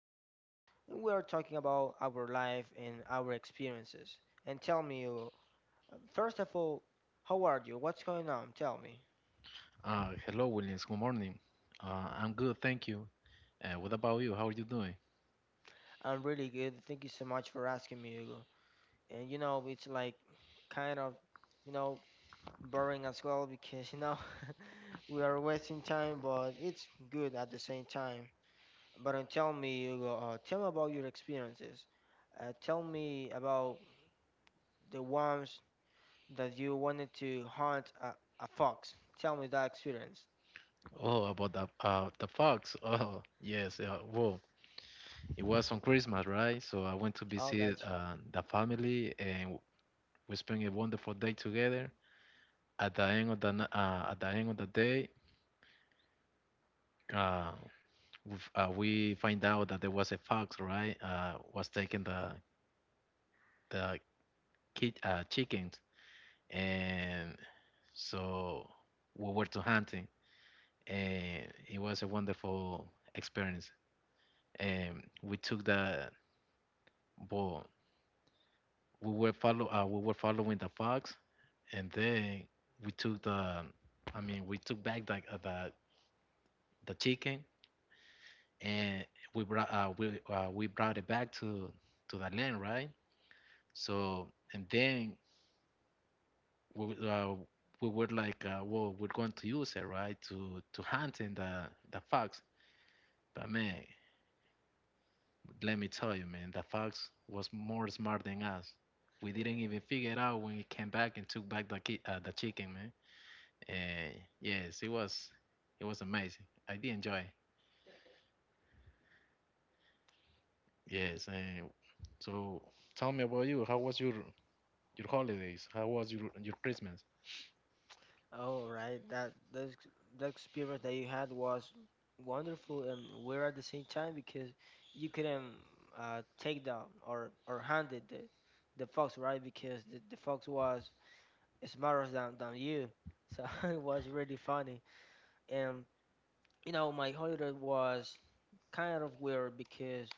So we're talking about our life and our experiences. And tell me, Hugo, first of all, how are you? What's going on? Tell me. Hello, Williams. Good morning. I'm good, thank you. What about you? How are you doing? I'm really good. Thank you so much for asking me, Hugo. And you know, it's like kind of, you know, boring as well because you know we are wasting time, but it's good at the same time. But tell me, Hugo, tell me about your experiences. Tell me about the ones that you wanted to hunt a fox. Tell me that experience. Oh, about the the fox. Oh, yes. Well, it was on Christmas, right? So I went to Oh, visit gotcha. the family, and we spent a wonderful day together. At the end of the at the end of the day, uh, we find out that there was a fox, right? Was taking the kid chickens, and so we were to hunting and it was a wonderful experience. And we took the well, we were following the fox, and then we took the, I mean, we took back the the chicken, and we brought we brought it back to the land, right? So and then we w- uh, we were like, well, we're going to use it, right, to hunt in the fox. But man, let me tell you, man, the fox was more smart than us. We didn't even figure it out when he came back and took back the the chicken, man. And yes, it was amazing. I did enjoy it. Yes. And so, tell me about you. How was your holidays? How was your Christmas? Oh, right. That experience that you had was wonderful and weird at the same time because you couldn't take down or handed the fox, right? Because the fox was smarter than you, so it was really funny. And you know, my holiday was kind of weird because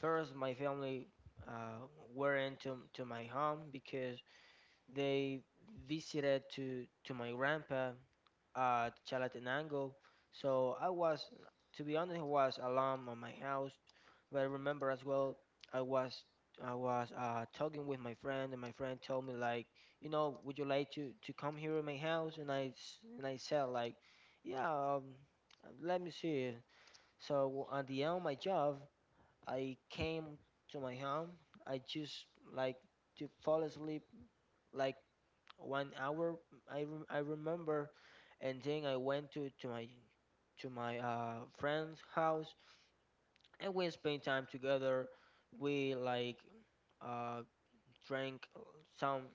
first, my family uh, were into to my home because they visited to my grandpa at Chalatenango. So I was, to be honest, I was alone at my house. But I remember as well, I was I was talking with my friend, and my friend told me like, you know, would you like to come here in my house? And I said like, yeah, let me see. So at the end of my job, I came to my home. I just like to fall asleep like 1 hour, I remember, and then I went to my friend's house, and we spent time together. We like uh, drank some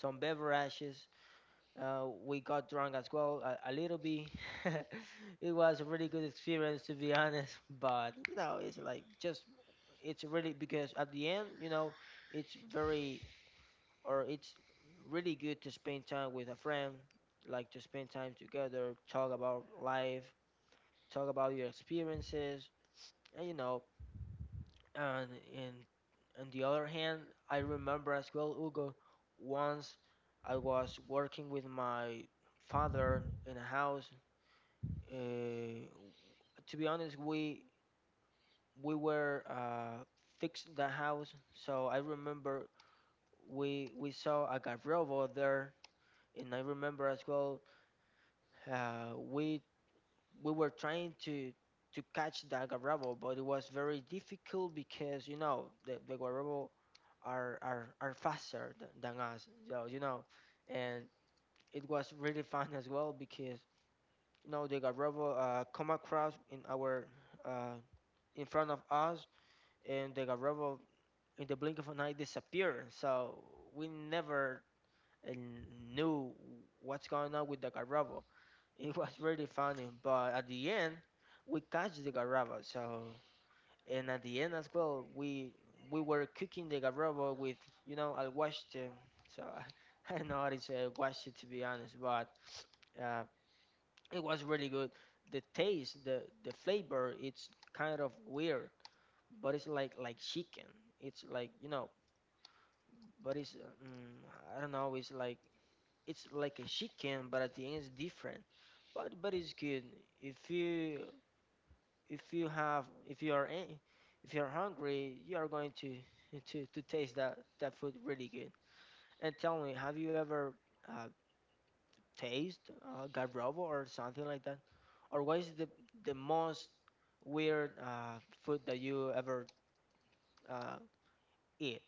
beverages, we got drunk as well, a little bit. It was a really good experience, to be honest. But you know, it's like just it's really because at the end, you know, it's very or it's really good to spend time with a friend, like to spend time together, talk about life, talk about your experiences, and you know, and and on the other hand, I remember as well, Hugo, once I was working with my father in a house. Uh, to be honest, we were fixing the house, so I remember we saw a garrobo there, and I remember as well uh, we we were trying to catch the garrobo, but it was very difficult because you know the garrobo are are faster than us, so you know, and it was really fun as well because you know the garrobo come across in our uh, in front of us, and the Garoppolo in the blink of an eye disappeared. So we never uh, knew what's going on with the Garoppolo. It was really funny, but at the end we catch the Garoppolo. So and at the end as well, we were cooking the Garoppolo with you know I watched so I, I don't know how to say watched it to be honest, but uh, it was really good. The taste, the flavor, it's kind of weird, but it's like chicken. It's like you know but it's I don't know. It's like a chicken, but at the end it's different. But it's good. If you if you have if you are if you are hungry, you are going to to taste that food really good. And tell me, have you ever uh, taste garrobo or something like that? Or what is the most weird food that you ever uh, eat?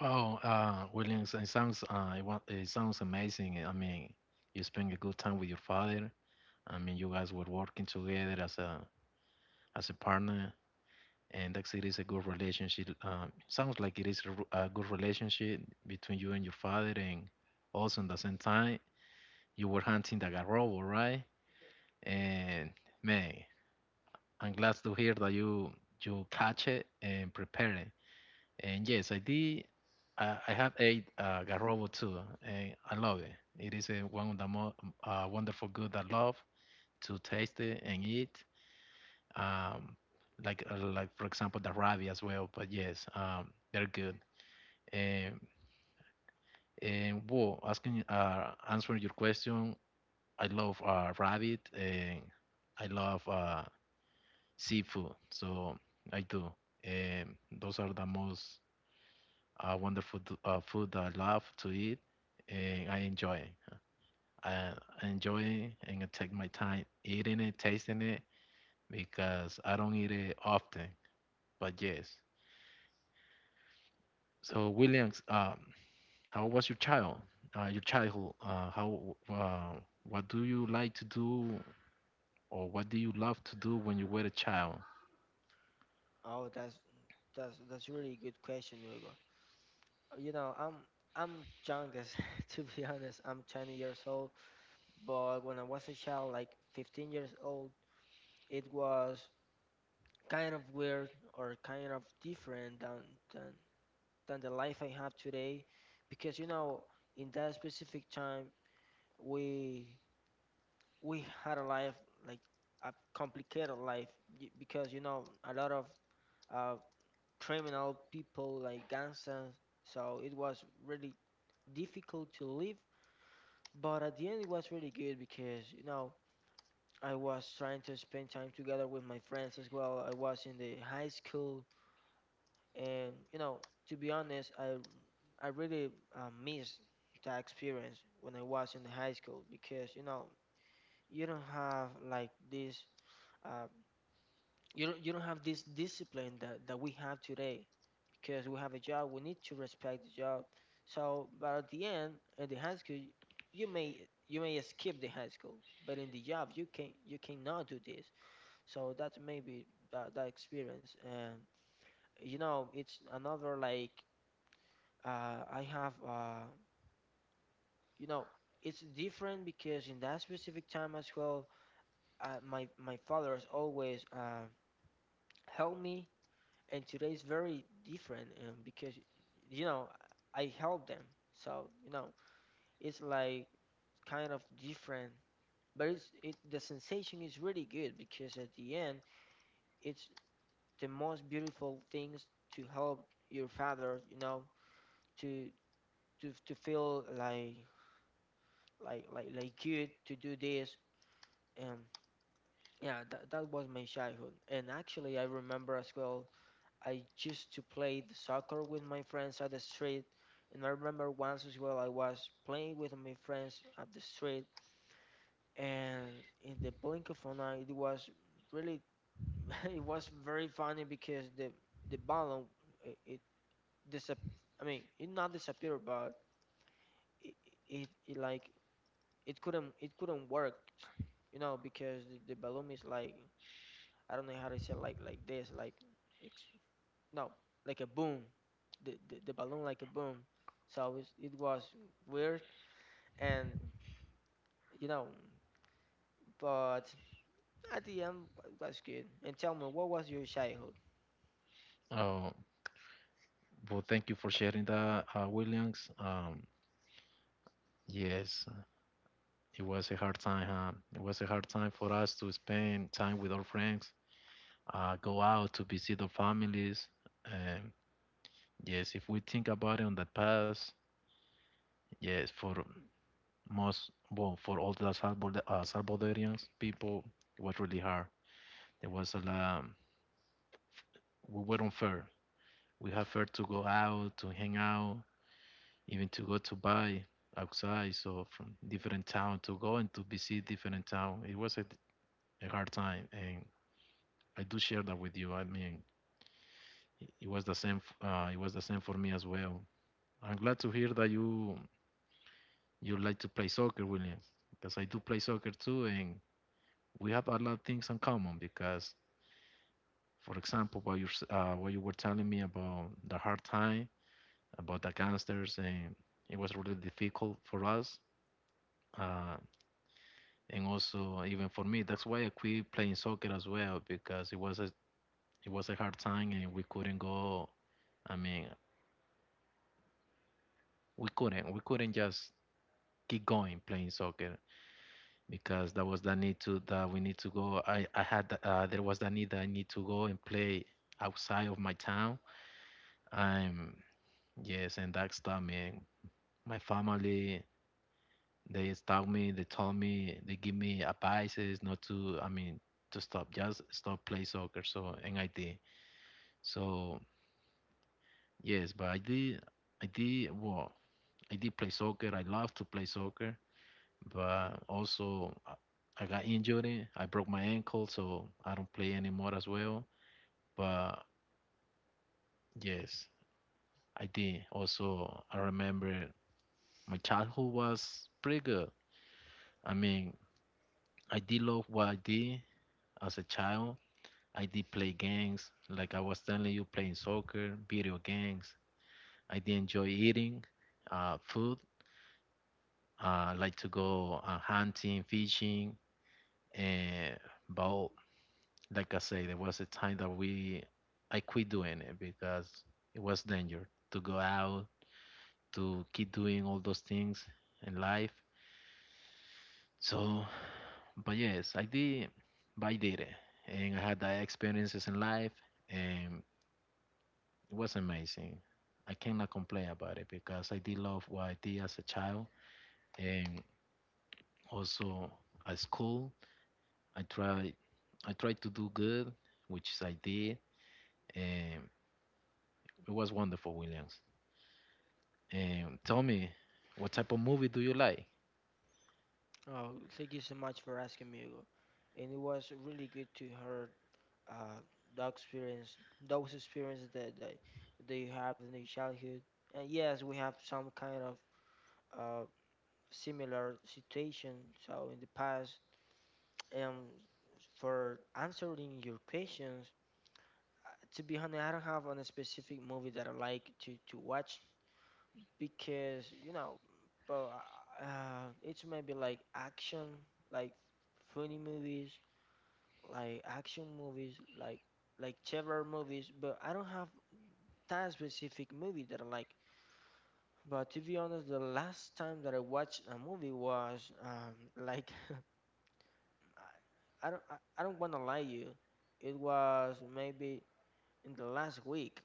Wow, Williams, it sounds it sounds amazing. I mean, you spend a good time with your father. I mean, you guys were working together as a partner, and that it is a good relationship. Sounds like it is a, a good relationship between you and your father, and also at the same time you were hunting the garrobo, right? And man, I'm glad to hear that you catch it and prepare it. And yes, I did. I have ate garrobo too, and I love it. It is a, one of the most wonderful good I love to taste it and eat, um, like for example the Ravi as well. But yes, they're good. And whoa, asking answering your question, I love rabbit and I love seafood. So I do. And those are the most wonderful food that I love to eat, and I enjoy. I I enjoy it and I take my time eating it, tasting it because I don't eat it often. But yes. So, Williams, how was your childhood? How? Uh, what do you like to do, or what do you love to do when you were a child? Oh, that's really good question, Hugo. You know, I'm young as to be honest. I'm 20 years old, but when I was a child, like 15 years old, it was kind of weird or kind of different than than the life I have today, because you know, in that specific time, we we had a life like a complicated life because you know a lot of uh, criminal people like gangsters, so it was really difficult to live. But at the end, it was really good because, you know, I was trying to spend time together with my friends as well. I was in the high school, and you know, to be honest, I really miss that experience when I was in the high school because, you know, you don't have like this. Uh, you don't you don't have this discipline that, that we have today because we have a job, we need to respect the job, so but at the end at the high school you may skip the high school but in the job you can you cannot do this, so that's maybe that, that experience, and you know it's another like I have you know it's different because in that specific time as well my father always helped me and today is very different because you know I help them, so you know it's like kind of different but it's it the sensation is really good because at the end it's the most beautiful things to help your father, you know, to to feel like like good to do this. um yeah, that, that was my childhood, and actually I remember as well I used to play the soccer with my friends at the street, and I remember once as well I was playing with my friends at the street, and in the blink of an eye, it was really it was very funny because the balloon it, it disap I mean it not disappeared, but it, it like it couldn't work, you know, because the balloon is like I don't know how to say like this. It's no, like a boom, the balloon like a boom. So it was weird, and you know, but at the end was good. And tell me, what was your childhood? Uh, well, thank you for sharing that, Williams. Yes, it was a hard time. Huh? It was a hard time for us to spend time with our friends, go out to visit our families. Um, yes, if we think about it on the past, yes, for most well for all the Salvador, Salvadorians people it was really hard. There was a lot we weren't fair, we had fair to go out to hang out, even to go to buy outside, so from different town to go and to visit different town, it was a hard time, and I do share that with you. I mean, it was the same it was the same for me as well. I'm glad to hear that you like to play soccer, William, because I do play soccer too, and we have a lot of things in common because for example, what you what you were telling me about the hard time, about the gangsters, and it was really difficult for us, uh, and also even for me. That's why I quit playing soccer as well because it was a hard time and we couldn't go. I mean, we couldn't just keep going playing soccer because that was the need to that we need to go. I had there was the need that I need to go and play outside of my town. I'm yes, and that stopped me. My family, they stop me, they told me, they give me advices not to, I mean, to stop, just stop play soccer. So, and I did. So, yes, but I did, well, I did play soccer. I love to play soccer, but also I got injured. I broke my ankle, so I don't play anymore as well. But yes, I did. Also, I remember my childhood was pretty good. I mean, I did love what I did. As a child, I did play games, like I was telling you, playing soccer, video games. I did enjoy eating food. I like to go hunting, fishing, and but like I say, there was a time that we I quit doing it because it was danger to go out to keep doing all those things in life. So, but yes, I did, but I did it, and I had that experiences in life, and it was amazing. I cannot complain about it because I did love what I did as a child and also at school. I tried to do good, which I did, and it was wonderful, Williams. And tell me, what type of movie do you like? Oh, thank you so much for asking me, Hugo. And it was really good to hear uh the experience, those experiences that they that have in your childhood. And yes, we have some kind of uh similar situation. So in the past, Um, for answering your questions, uh, to be honest, I don't have on a specific movie that I like to watch because you know, but it's maybe like action, like funny movies, like action movies, like like terror movies. But I don't have that specific movie that I like. But to be honest, the last time that I watched a movie was like I don't want to lie you. It was maybe in the last week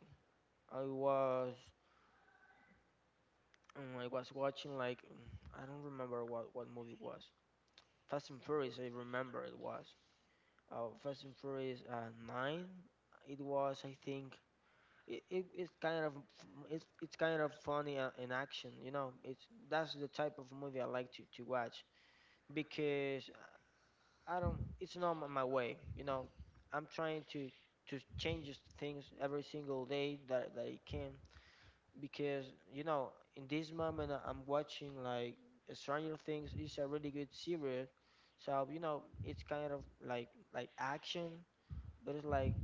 I was I was watching like I don't remember what movie it was. Fast and Furious, I remember it was. Fast and Furious 9. It was, I think. It's kind of it's kind of funny in action, you know. It's that's the type of movie I like to watch because I don't. It's not my my way, you know. I'm trying to change things every single day that I can because you know in this moment I'm watching like Stranger Things, is a really good series, so you know it's kind of like action, but it's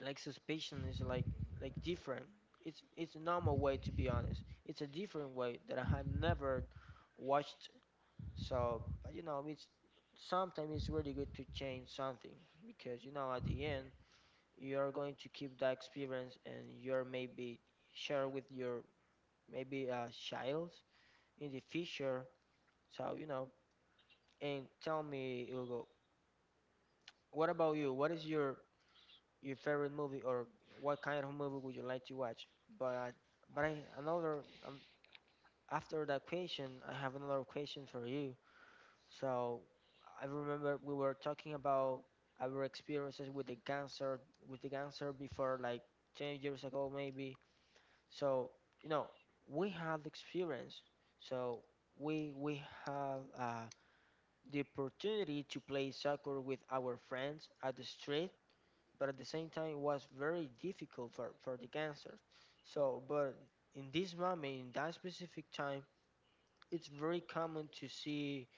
like suspicion is like different. It's a normal way to be honest. It's a different way that I have never watched. So but, you know it's sometimes it's really good to change something because you know at the end you're going to keep that experience and you're maybe share with your maybe a child in the future. So, you know, and tell me, Hugo, what about you? What is your favorite movie or what kind of movie would you like to watch? But but I, another after that question, I have another question for you. So, I remember we were talking about our experiences with the cancer before like 10 years ago maybe. So, you know, we have experience. So, we have the opportunity to play soccer with our friends at the street, but at the same time it was very difficult for the gangsters. So, but in this moment, in that specific time, it's very common to see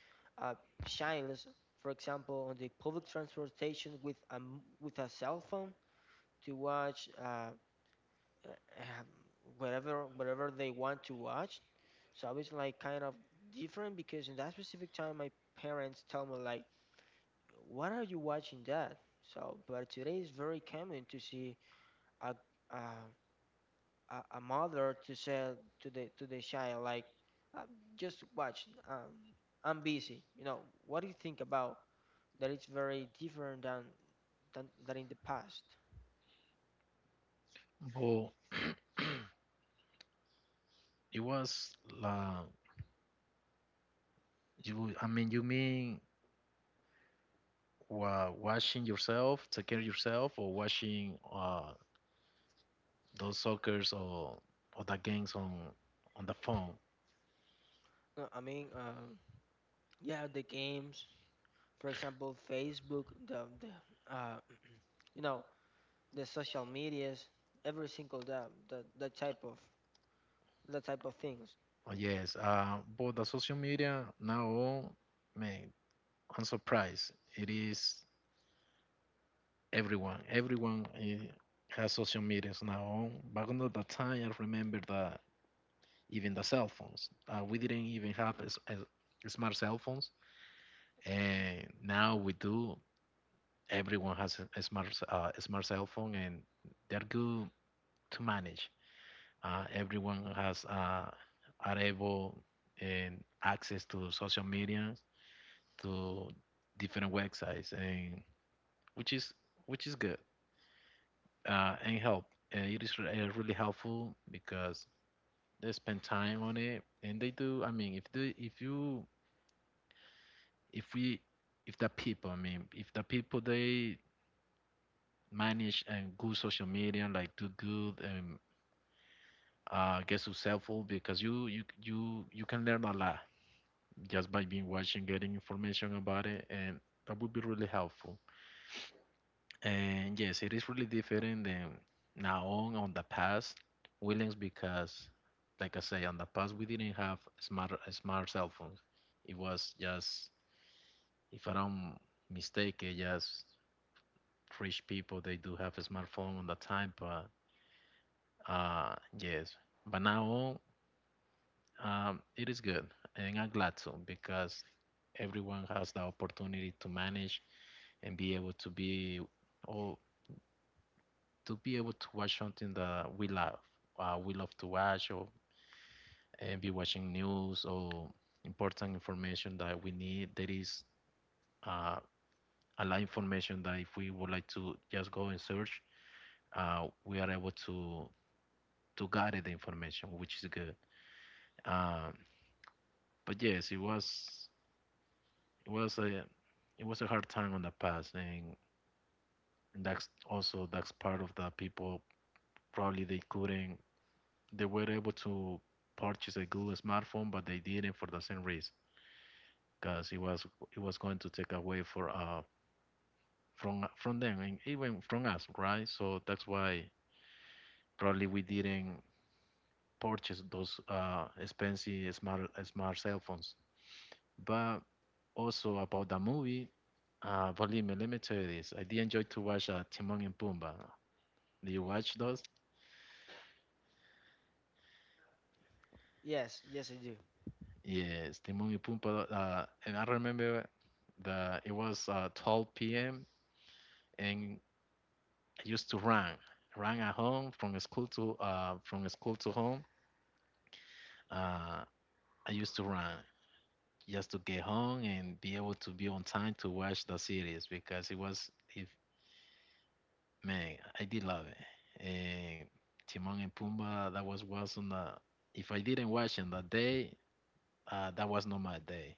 uh, childs, for example, on the public transportation with a, with a cell phone to watch um, whatever whatever they want to watch. So I was like kind of different because in that specific time, my parents tell me like, what are you watching that? So, but today is very common to see a a, a mother to say to the child like, uh, just watch. I'm busy. You know, what do you think about that? It's very different than in the past. Well, it was la you. I mean, you mean wa washing yourself, take care of yourself, or watching those suckers or the games on the phone? No, I mean, yeah, the games, for example, Facebook, the uh, you know, the social medias, every single that type of things. Oh, yes, but the social media now, all, man, I'm surprised. It is everyone. Everyone has social medias now. All. Back on the time, I remember that even the cell phones, we didn't even have as smart cell phones, and now we do. Everyone has a smart s- a smart cell phone, and they're good to manage. Everyone has are able and access to social media to different websites, and which is which is good and help it is really helpful because they spend time on it, and they do. I mean, if they if you if we if the people I mean if the people they manage and good social media like do good and get successful because you can learn a lot just by being watching getting information about it, and that would be really helpful. And yes, it is really different than now on the past, Williams, because like I say, on the past we didn't have smart cell phones. It was just, if I don't mistake, it just rich people they do have a smartphone on the time. But yes, but now on, it is good, and I'm glad to because everyone has the opportunity to manage and be able to be all to be able to watch something that we love to watch, or and be watching news or important information that we need. There is uh, a lot of information that if we would like to just go and search, we are able to gather the information, which is good. Um, but yes, it was a it was a hard time on the past, and that's also that's part of the people probably they couldn't they were able to purchase a good smartphone, but they didn't for the same reason, because it was going to take away for from them, and even from us, right? So that's why probably we didn't purchase those expensive smart cell phones. But also about the movie, believe me, let me tell you this. I did enjoy to watch Timon and Pumbaa. Do you watch those? Yes, yes, I do. Yes, Timon and Pumbaa. And I remember the it was 12 p.m. and I used to run, run at home from school to home. Uh, I used to run just to get home and be able to be on time to watch the series because it was, if man, I did love it. And Timon and Pumbaa, that was on the. If I didn't watch on that day, that was not my day.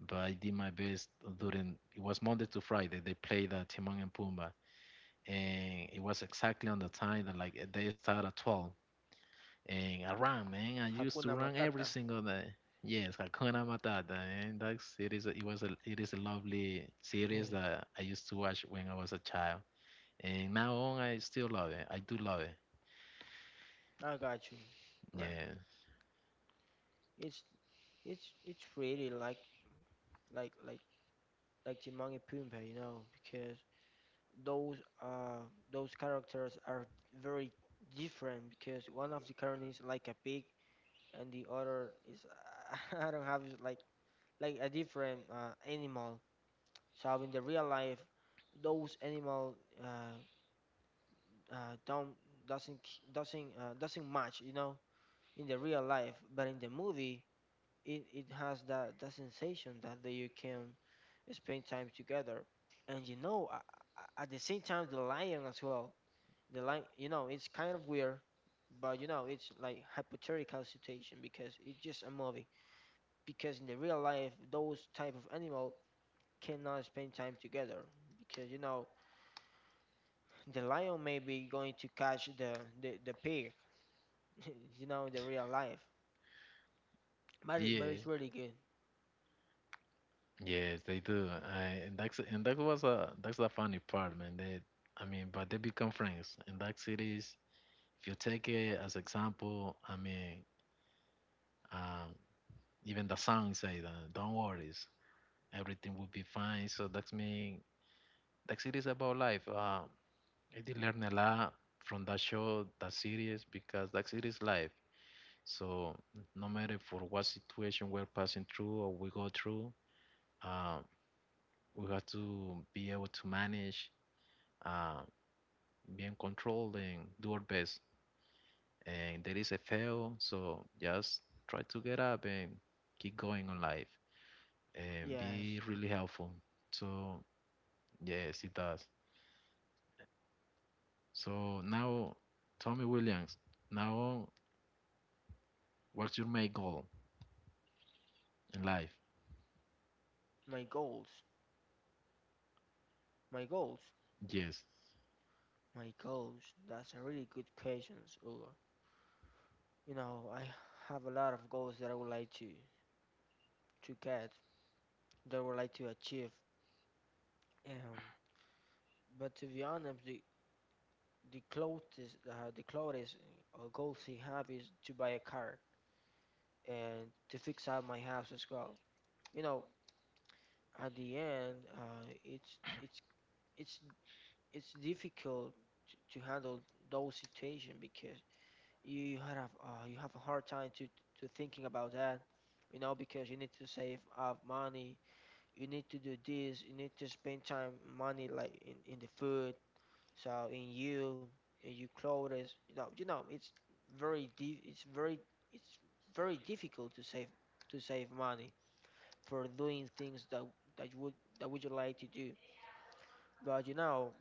But I did my best during. It was Monday to Friday. They played Timon and Pumbaa, and it was exactly on the time that like they start at 12. And I ran, man. I used to Hakuna run every Matata. single day. Yes, Hakuna Matata, man. That series, it was a, it is a lovely series that I used to watch when I was a child. And now on, I still love it. I do love it. I got you. Right. Yeah, It's it's really like like like Timon and Pumbaa, you know, because those those characters are very different because one of the characters is like a pig and the other is I don't have like a different animal. So in the real life, those animal uh, don't doesn't doesn't match, you know, in the real life, but in the movie it, it has that sensation that they, you can spend time together. And you know, at the same time, the lion as well. The lion, you know, it's kind of weird, but you know, it's like hypothetical situation because it's just a movie. Because in the real life, those type of animal cannot spend time together because you know the lion may be going to catch the pig, you know, in the real life. But yeah, it's really good. yes, they do. I and that's and that was a that's the funny part, man. They, I mean, but they become friends. And that series, if you take it as example, um, even the song say that, don't worry, everything will be fine. So that means that series about life. I did learn a lot from that show, that series, because that series life. So no matter for what situation we're passing through or we go through, uh, we have to be able to manage, uh, be in control, and do our best. And there is a fail, so just try to get up and keep going on life and Yes, be really helpful. So yes, it does. So now, Tommy Williams. Now what's your main goal in life? my goals, my goals. Yes. My goals, that's a really good question, Ugo. You know, I have a lot of goals that I would like to get, that I would like to achieve. Um, but to be honest, the closest goals I have is to buy a car and to fix up my house as well. You know, at the end, it's it's it's difficult to handle those situations because you had a you have a hard time to thinking about that, you know, because you need to save up money, you need to do this, you need to spend time money like in the food, so in your clothes, you know, it's very it's difficult to save money for doing things that you would that would you like to do. But you know,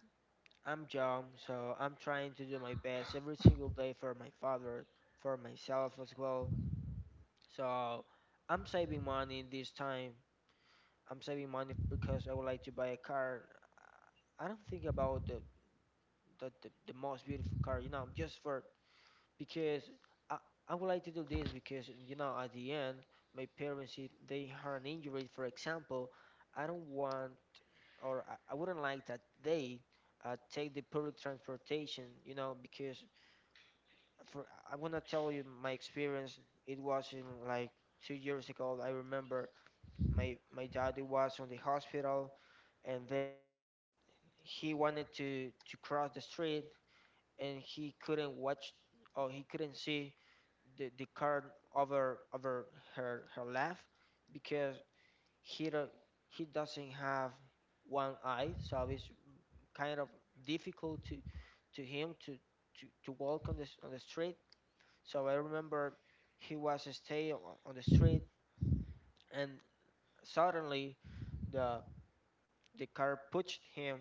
I'm young, so I'm trying to do my best every single day for my father, for myself as well. So I'm saving money this time. I'm saving money because I would like to buy a car. I don't think about the most beautiful car, you know, just for because I, I would like to do this because you know at the end my parents if they had an injury for example, I don't want or I wouldn't like that they take the public transportation, you know, because for I wanna tell you my experience. It was in like two years ago. I remember my daddy was on the hospital and they want he wanted to cross the street and he couldn't watch or he couldn't see the car over her left because he do, he doesn't have one eye so it's kind of difficult to him to walk on the street. So I remember he was staying on the street and suddenly the the car pushed him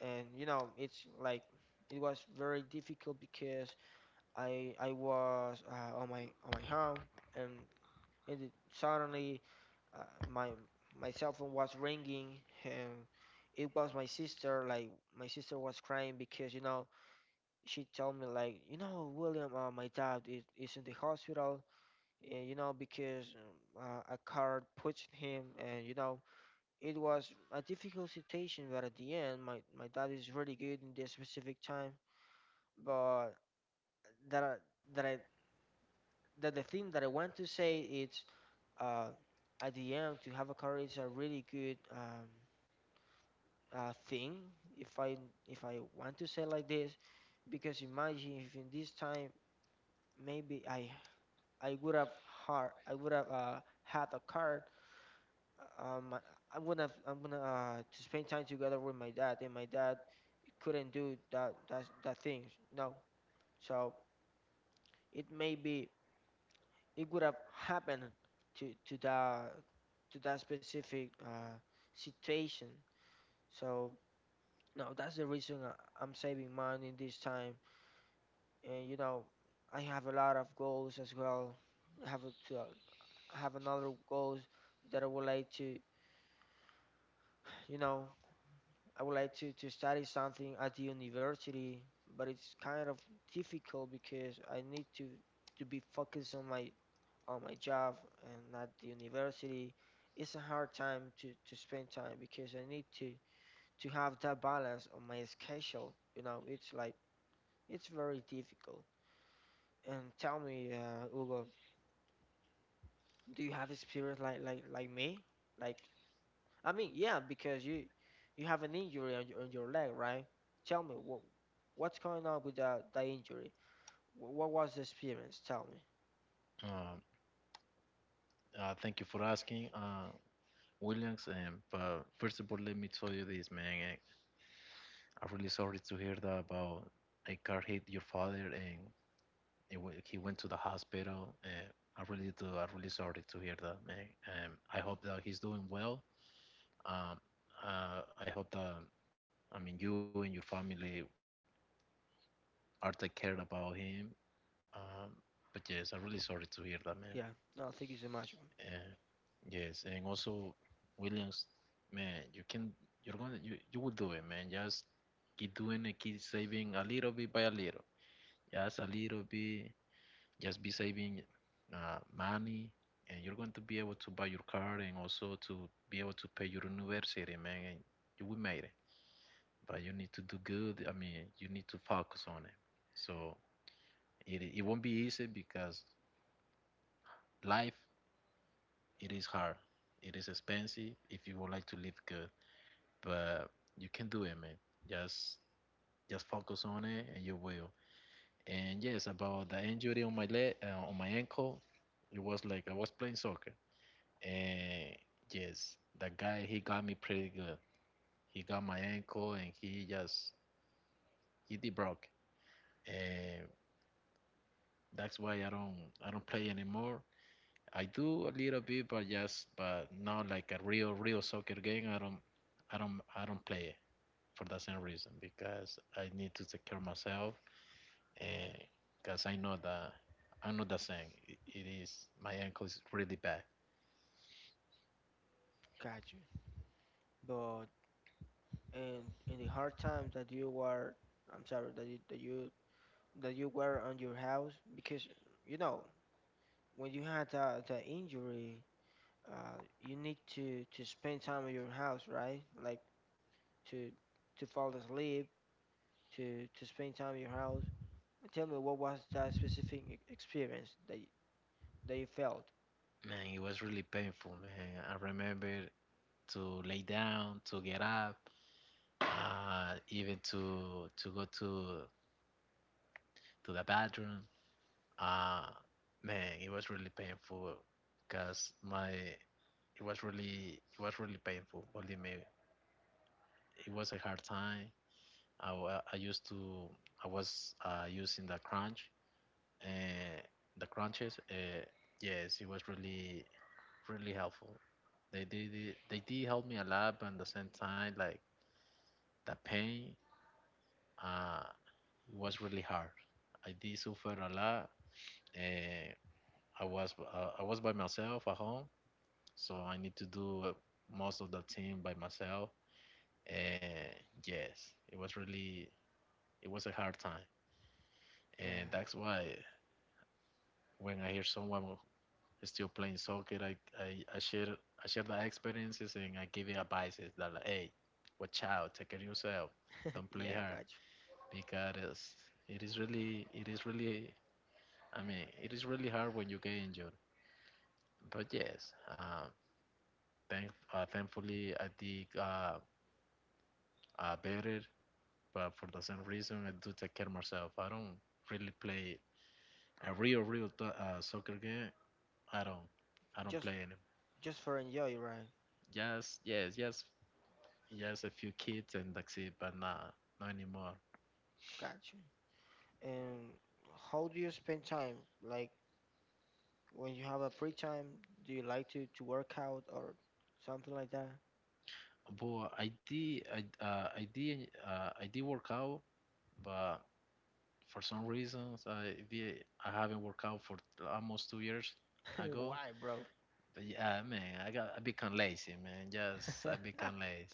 and you know it's like it was very difficult because I was on my home and it- suddenly uh, my my cell phone was ringing and it was my sister. Like my sister was crying because you know she told me like, you know, William, my dad is in the hospital, you know, because a car pushed him and you know it was a difficult situation, but at the end, my dad is really good in this specific time. But that I, that I that the thing that I want to say is uh, at the end to have a career is a really good thing. If I want to say like this, because imagine if in this time maybe I would have hard I would have had a car, um I- I'm gonna to spend time together with my dad and my dad couldn't do that things. No, so it may be it would have happened to that specific situation. So no, that's the reason I'm saving money this time and you know I have a lot of goals as well. I have I have another goals that I would like to you know I would like to study something at the university, but it's kind of difficult because I need to be focused on my job and at the university. It's a hard time to spend time because I need to have that balance on my schedule. You know, it's like it's very difficult. And tell me, Hugo, do you have experience like me? Like I mean, yeah, because you have an injury on your leg, right? Tell me what's going on with that, that injury? What was the experience? Tell me. Uh, thank you for asking, Williams. But first of all, let me tell you this, man. I'm really sorry to hear that about a car hit your father and he went to the hospital. I really do. I'm really sorry to hear that, man. I hope that he's doing well. Um, I hope that I mean you and your family are take care about him. Um, but yes, I'm really sorry to hear that, Yeah, no, thank you so much. man. Yes, and also Williams, man, you can you're gonna you, you will do it, man. Just keep doing it, keep saving a little bit by a little. Just a little bit. Just be saving money and you're going to be able to buy your car and also to be able to pay your university, man, and you will make it. But you need to do good. I mean, you need to focus on it. So it won't be easy because life it is hard. It is expensive if you would like to live good. But you can do it, man. Just just focus on it, and you will. And yes, about the injury on my leg, on my ankle, it was like I was playing soccer, and yes, the guy he got me pretty good. He got my ankle, and he did broke, and that's why I don't play anymore. I do a little bit, but just but not like a real real soccer game. I don't play it for the same reason because I need to take care of myself because I know that I know the saying. It is My ankle is really bad. Got you. But in the hard times that you were, I'm sorry that you that you that you were on your house because you know when you had the injury, you need to spend time at your house, right? Like to to fall asleep, to spend time in your house Tell me, what was that specific e- experience that y- that you felt? Man, it was really painful. Man, I remember to lay down, to get up, even to go to the bathroom. Uh, man, it was really painful because my it was really painful. Believe me, it was a hard time. I, wa- I used to I was using the crunch uh, the crunches. Yes, it was really really helpful. They did it, they did help me a lot, but at the same time, like the pain, uh, was really hard. I did suffer a lot. Uh, I was by myself at home, so I need to do most of the thing by myself. And yes, it was really it was a hard time, and Yeah, that's why when I hear someone still playing soccer. I share the experiences and I give you advices that like, hey, watch out, take care of yourself, don't play yeah, hard gotcha. because it is really I mean it is really hard when you get injured. But yes, thankfully I did better, but for the same reason I do take care of myself. I don't really play a real real soccer game. I don't I don't Just play any. just for enjoy, right? Yes, yes, yes. Yes, a few kids and that's it, but nah, not anymore. Gotcha. And how do you spend time? Like when you have a free time, do you like to work out or something like that? But I did, I did, I did work out, but for some reasons I did, I haven't worked out for almost 2 years ago. Why, bro? But yeah, man, I got, I become lazy, man. Just I become lazy.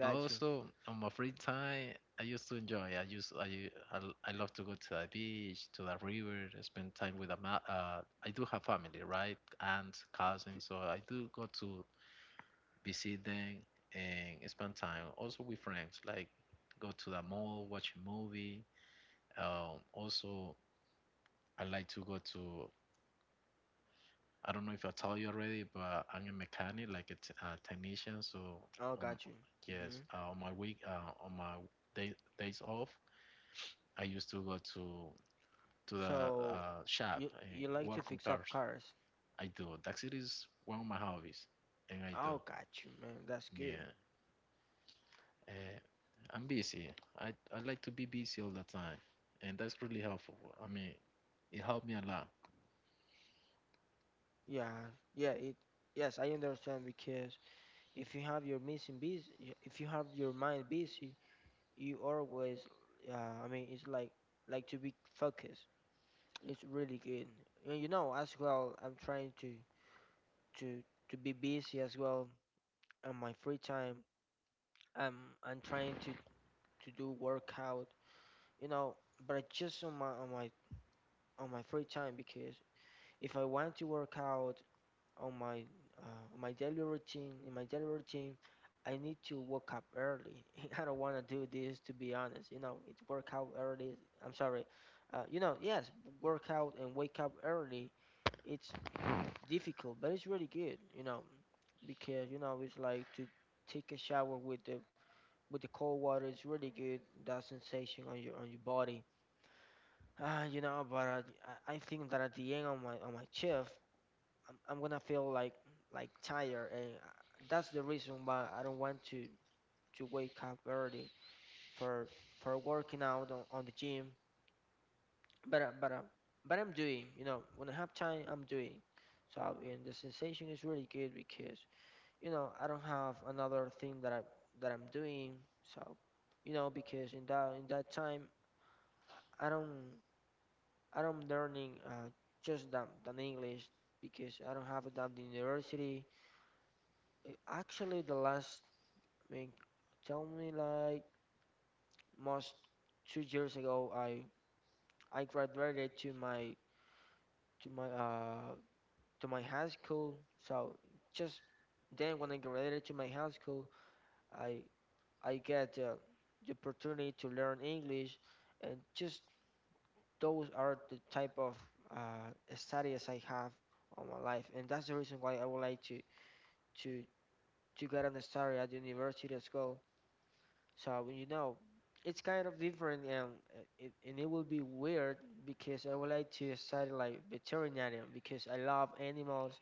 But you. also on my free time, I used to enjoy. I used, I, u- I, l- I love to go to the beach, to the river, and spend time with I do have family, right? Aunts, T- cousins, so I do go to visit them, and spend time also with friends, like go to the mall, watch a movie. Also, I like to go to, I don't know if I told you already, but I'm a mechanic, like a technician. So, Oh, um, got you. Hmm. yes, on my day, days off, I used to go to the So shop and you like to work on fix up cars. cars? I do. That is one of my hobbies, and I do. Oh, got you, man. That's good. Yeah. Uh, I'm busy. I like to be busy all the time, and that's really helpful. I mean, it helped me a lot. Yeah, yeah. It yes, I understand because if you have your missing busy, if you have your mind busy, you always, uh, I mean, it's like to be focused. It's really good. And you know, as well, I'm trying to to be busy as well on my free time. I'm I'm trying to do workout, you know, but just on my on my on my free time because if I want to work out, on my on my daily routine, in my daily routine, I need to wake up early. I don't want to do this to be honest. You know, it work out early. I'm sorry. You know, yes, work out and wake up early. It's difficult, but it's really good. You know, because you know it's like to take a shower with the cold water. It's really good. That sensation on your body. Ah, you know, but I think that at the end of my shift, I'm gonna feel like tired, and that's the reason why I don't want to wake up early for for working out on the gym. But uh, but uh, but I'm doing, you know, when I have time, I'm doing. So and the sensation is really good because you know I don't have another thing that I'm doing. So you know because in that time I don't learning just than English because I don't have it at the university. Actually, the last I mean, tell me like most two years ago, I graduated to my to my uh to my high school. So just then when I graduated to my high school, I I get the opportunity to learn English, and just those are the type of uh, studies I have on my life, and that's the reason why I would like to to get an study at the university as well. So you know, it's kind of different, and it and it will be weird because I would like to study like veterinarian because I love animals.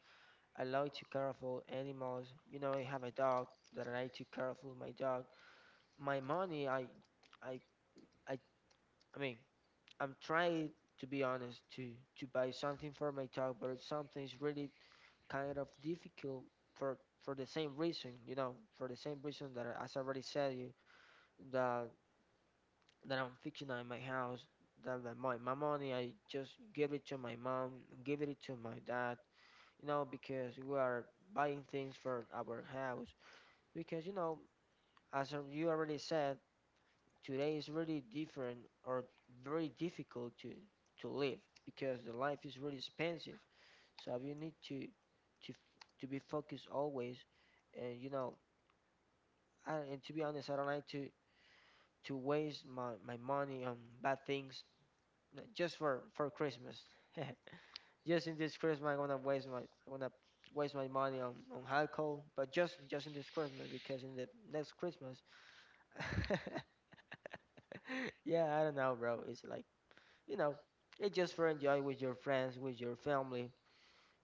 I like to care for animals. You know, I have a dog that I like to care for my dog. My money, I, I, I mean, I'm trying to be honest to buy something for my dog, but it's something is really kind of difficult for the same reason. You know, for the same reason that as I already said you that that I'm fixing at my house, that, that my money, I just give it to my mom, give it to my dad, you know, because we are buying things for our house. Because, you know, you already said, today is really different or very difficult to, live because the life is really expensive. So you need to be focused always. And, you know, and to be honest, I don't like to waste my money on bad things like, just for Christmas. Just in this Christmas, I'm gonna waste my money on alcohol. But just in this Christmas, because in the next Christmas, yeah, I don't know, bro. It's like you know, it's just for enjoy with your friends, with your family.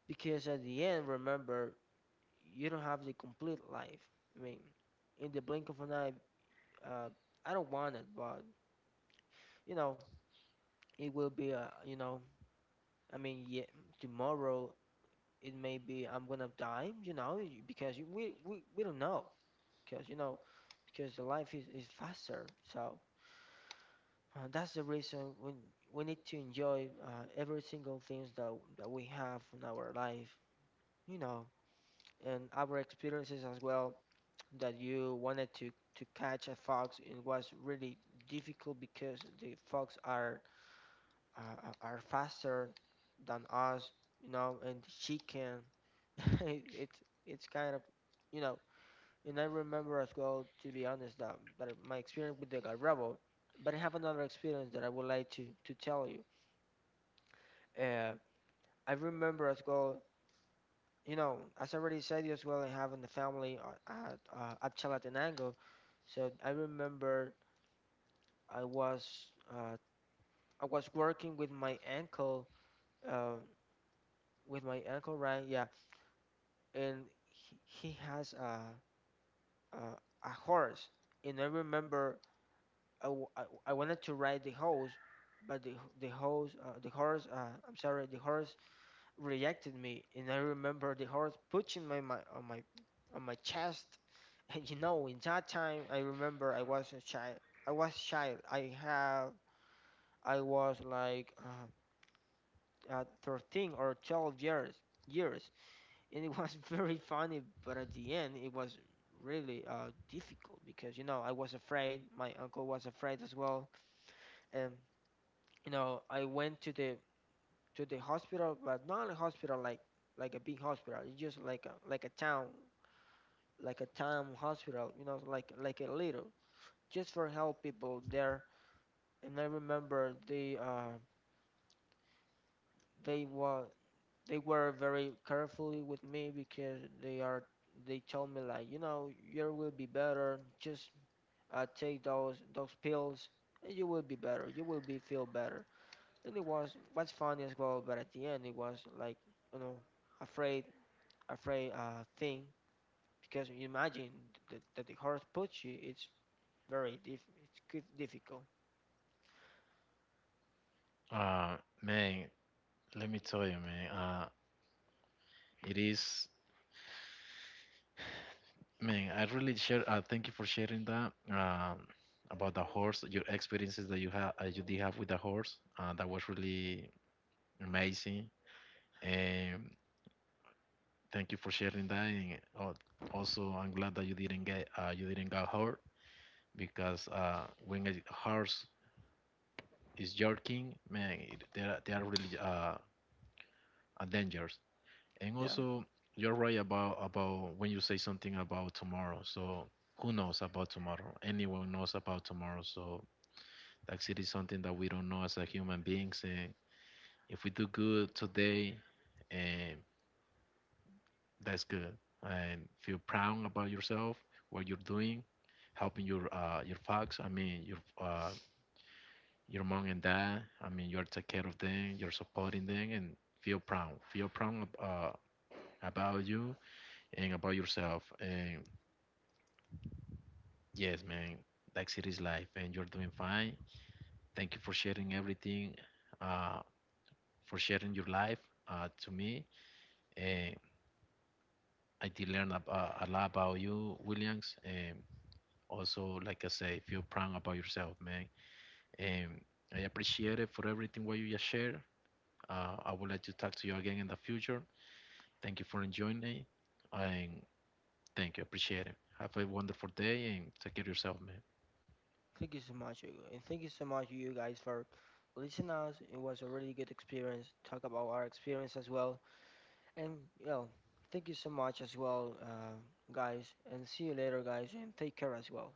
Because at the end, remember, you don't have the complete life. I mean, in the blink of an eye, uh, I don't want it, but you know, it will be a you know. I mean, yeah, tomorrow it may be I'm gonna die, you know, because we don't know, because you know, because the life is faster. So that's the reason we need to enjoy every single things that we have in our life, you know, and our experiences as well. That you wanted to catch a fox, it was really difficult because the fox are are faster than us, you know, and she can. it, it's it's kind of you know. And I remember as well, to be honest, that my experience with the Garrabo, but I have another experience that I would like to tell you. Uh, I remember as well, you know, as I already said as well, I have in the family at Chalatenango. So I remember I was uh, I was working uh, with my uncle, right? Yeah, and he has a a horse, and I remember I wanted to ride the horse, but the horse I'm sorry the horse rejected me, and I remember the horse pushing my, my on my on my chest. And you know, in that time, I remember I was a child. I was child. I was like 13 or 12 years years, and it was very funny. But at the end, it was really difficult because you know I was afraid. My uncle was afraid as well, and you know, I went to the hospital, but not a hospital like a big hospital. It's just like a a town, like a town hospital. You know, like a little, just for help people there. And I remember they were they were very carefully with me because they told me like you know you will be better. Just take those pills, and you will be better. You will be feel better. And it was funny as well. But at the end, it was like you know afraid afraid thing because you imagine that the horse puts you. It's very diff it's good, difficult. Uh, man, let me tell you, man. It is, man. I really share. Thank you for sharing that. About the horse, your experiences that you have, you did have with the horse. That was really amazing, and thank you for sharing that. And also, I'm glad that you didn't get, you didn't got hurt because when a horse is joking, man, they are really a dangers. And Yeah. also, you're right about when you say something about tomorrow. So who knows about tomorrow? Anyone knows about tomorrow. So like it is something that we don't know as a human beings. And if we do good today, and that's good. And feel proud about yourself, what you're doing, helping your folks. I mean your mom and dad. I mean, you're taking care of them, you're supporting them, and feel proud. Feel proud about you and about yourself. And yes, man, that's it is life, and you're doing fine. Thank you for sharing everything, uh, for sharing your life to me. And I did learn a lot about you, Williams. And also, like I say, feel proud about yourself, man. And I appreciate it for everything what you just shared. I would like to talk to you again in the future. Thank you for enjoying it. And thank you. Appreciate it. Have a wonderful day and take care of yourself, man. Thank you so much, Hugo. And thank you so much you guys for listening us. It was a really good experience. Talk about our experience as well, and you know, thank you so much as well, guys. And see you later, guys, and take care as well.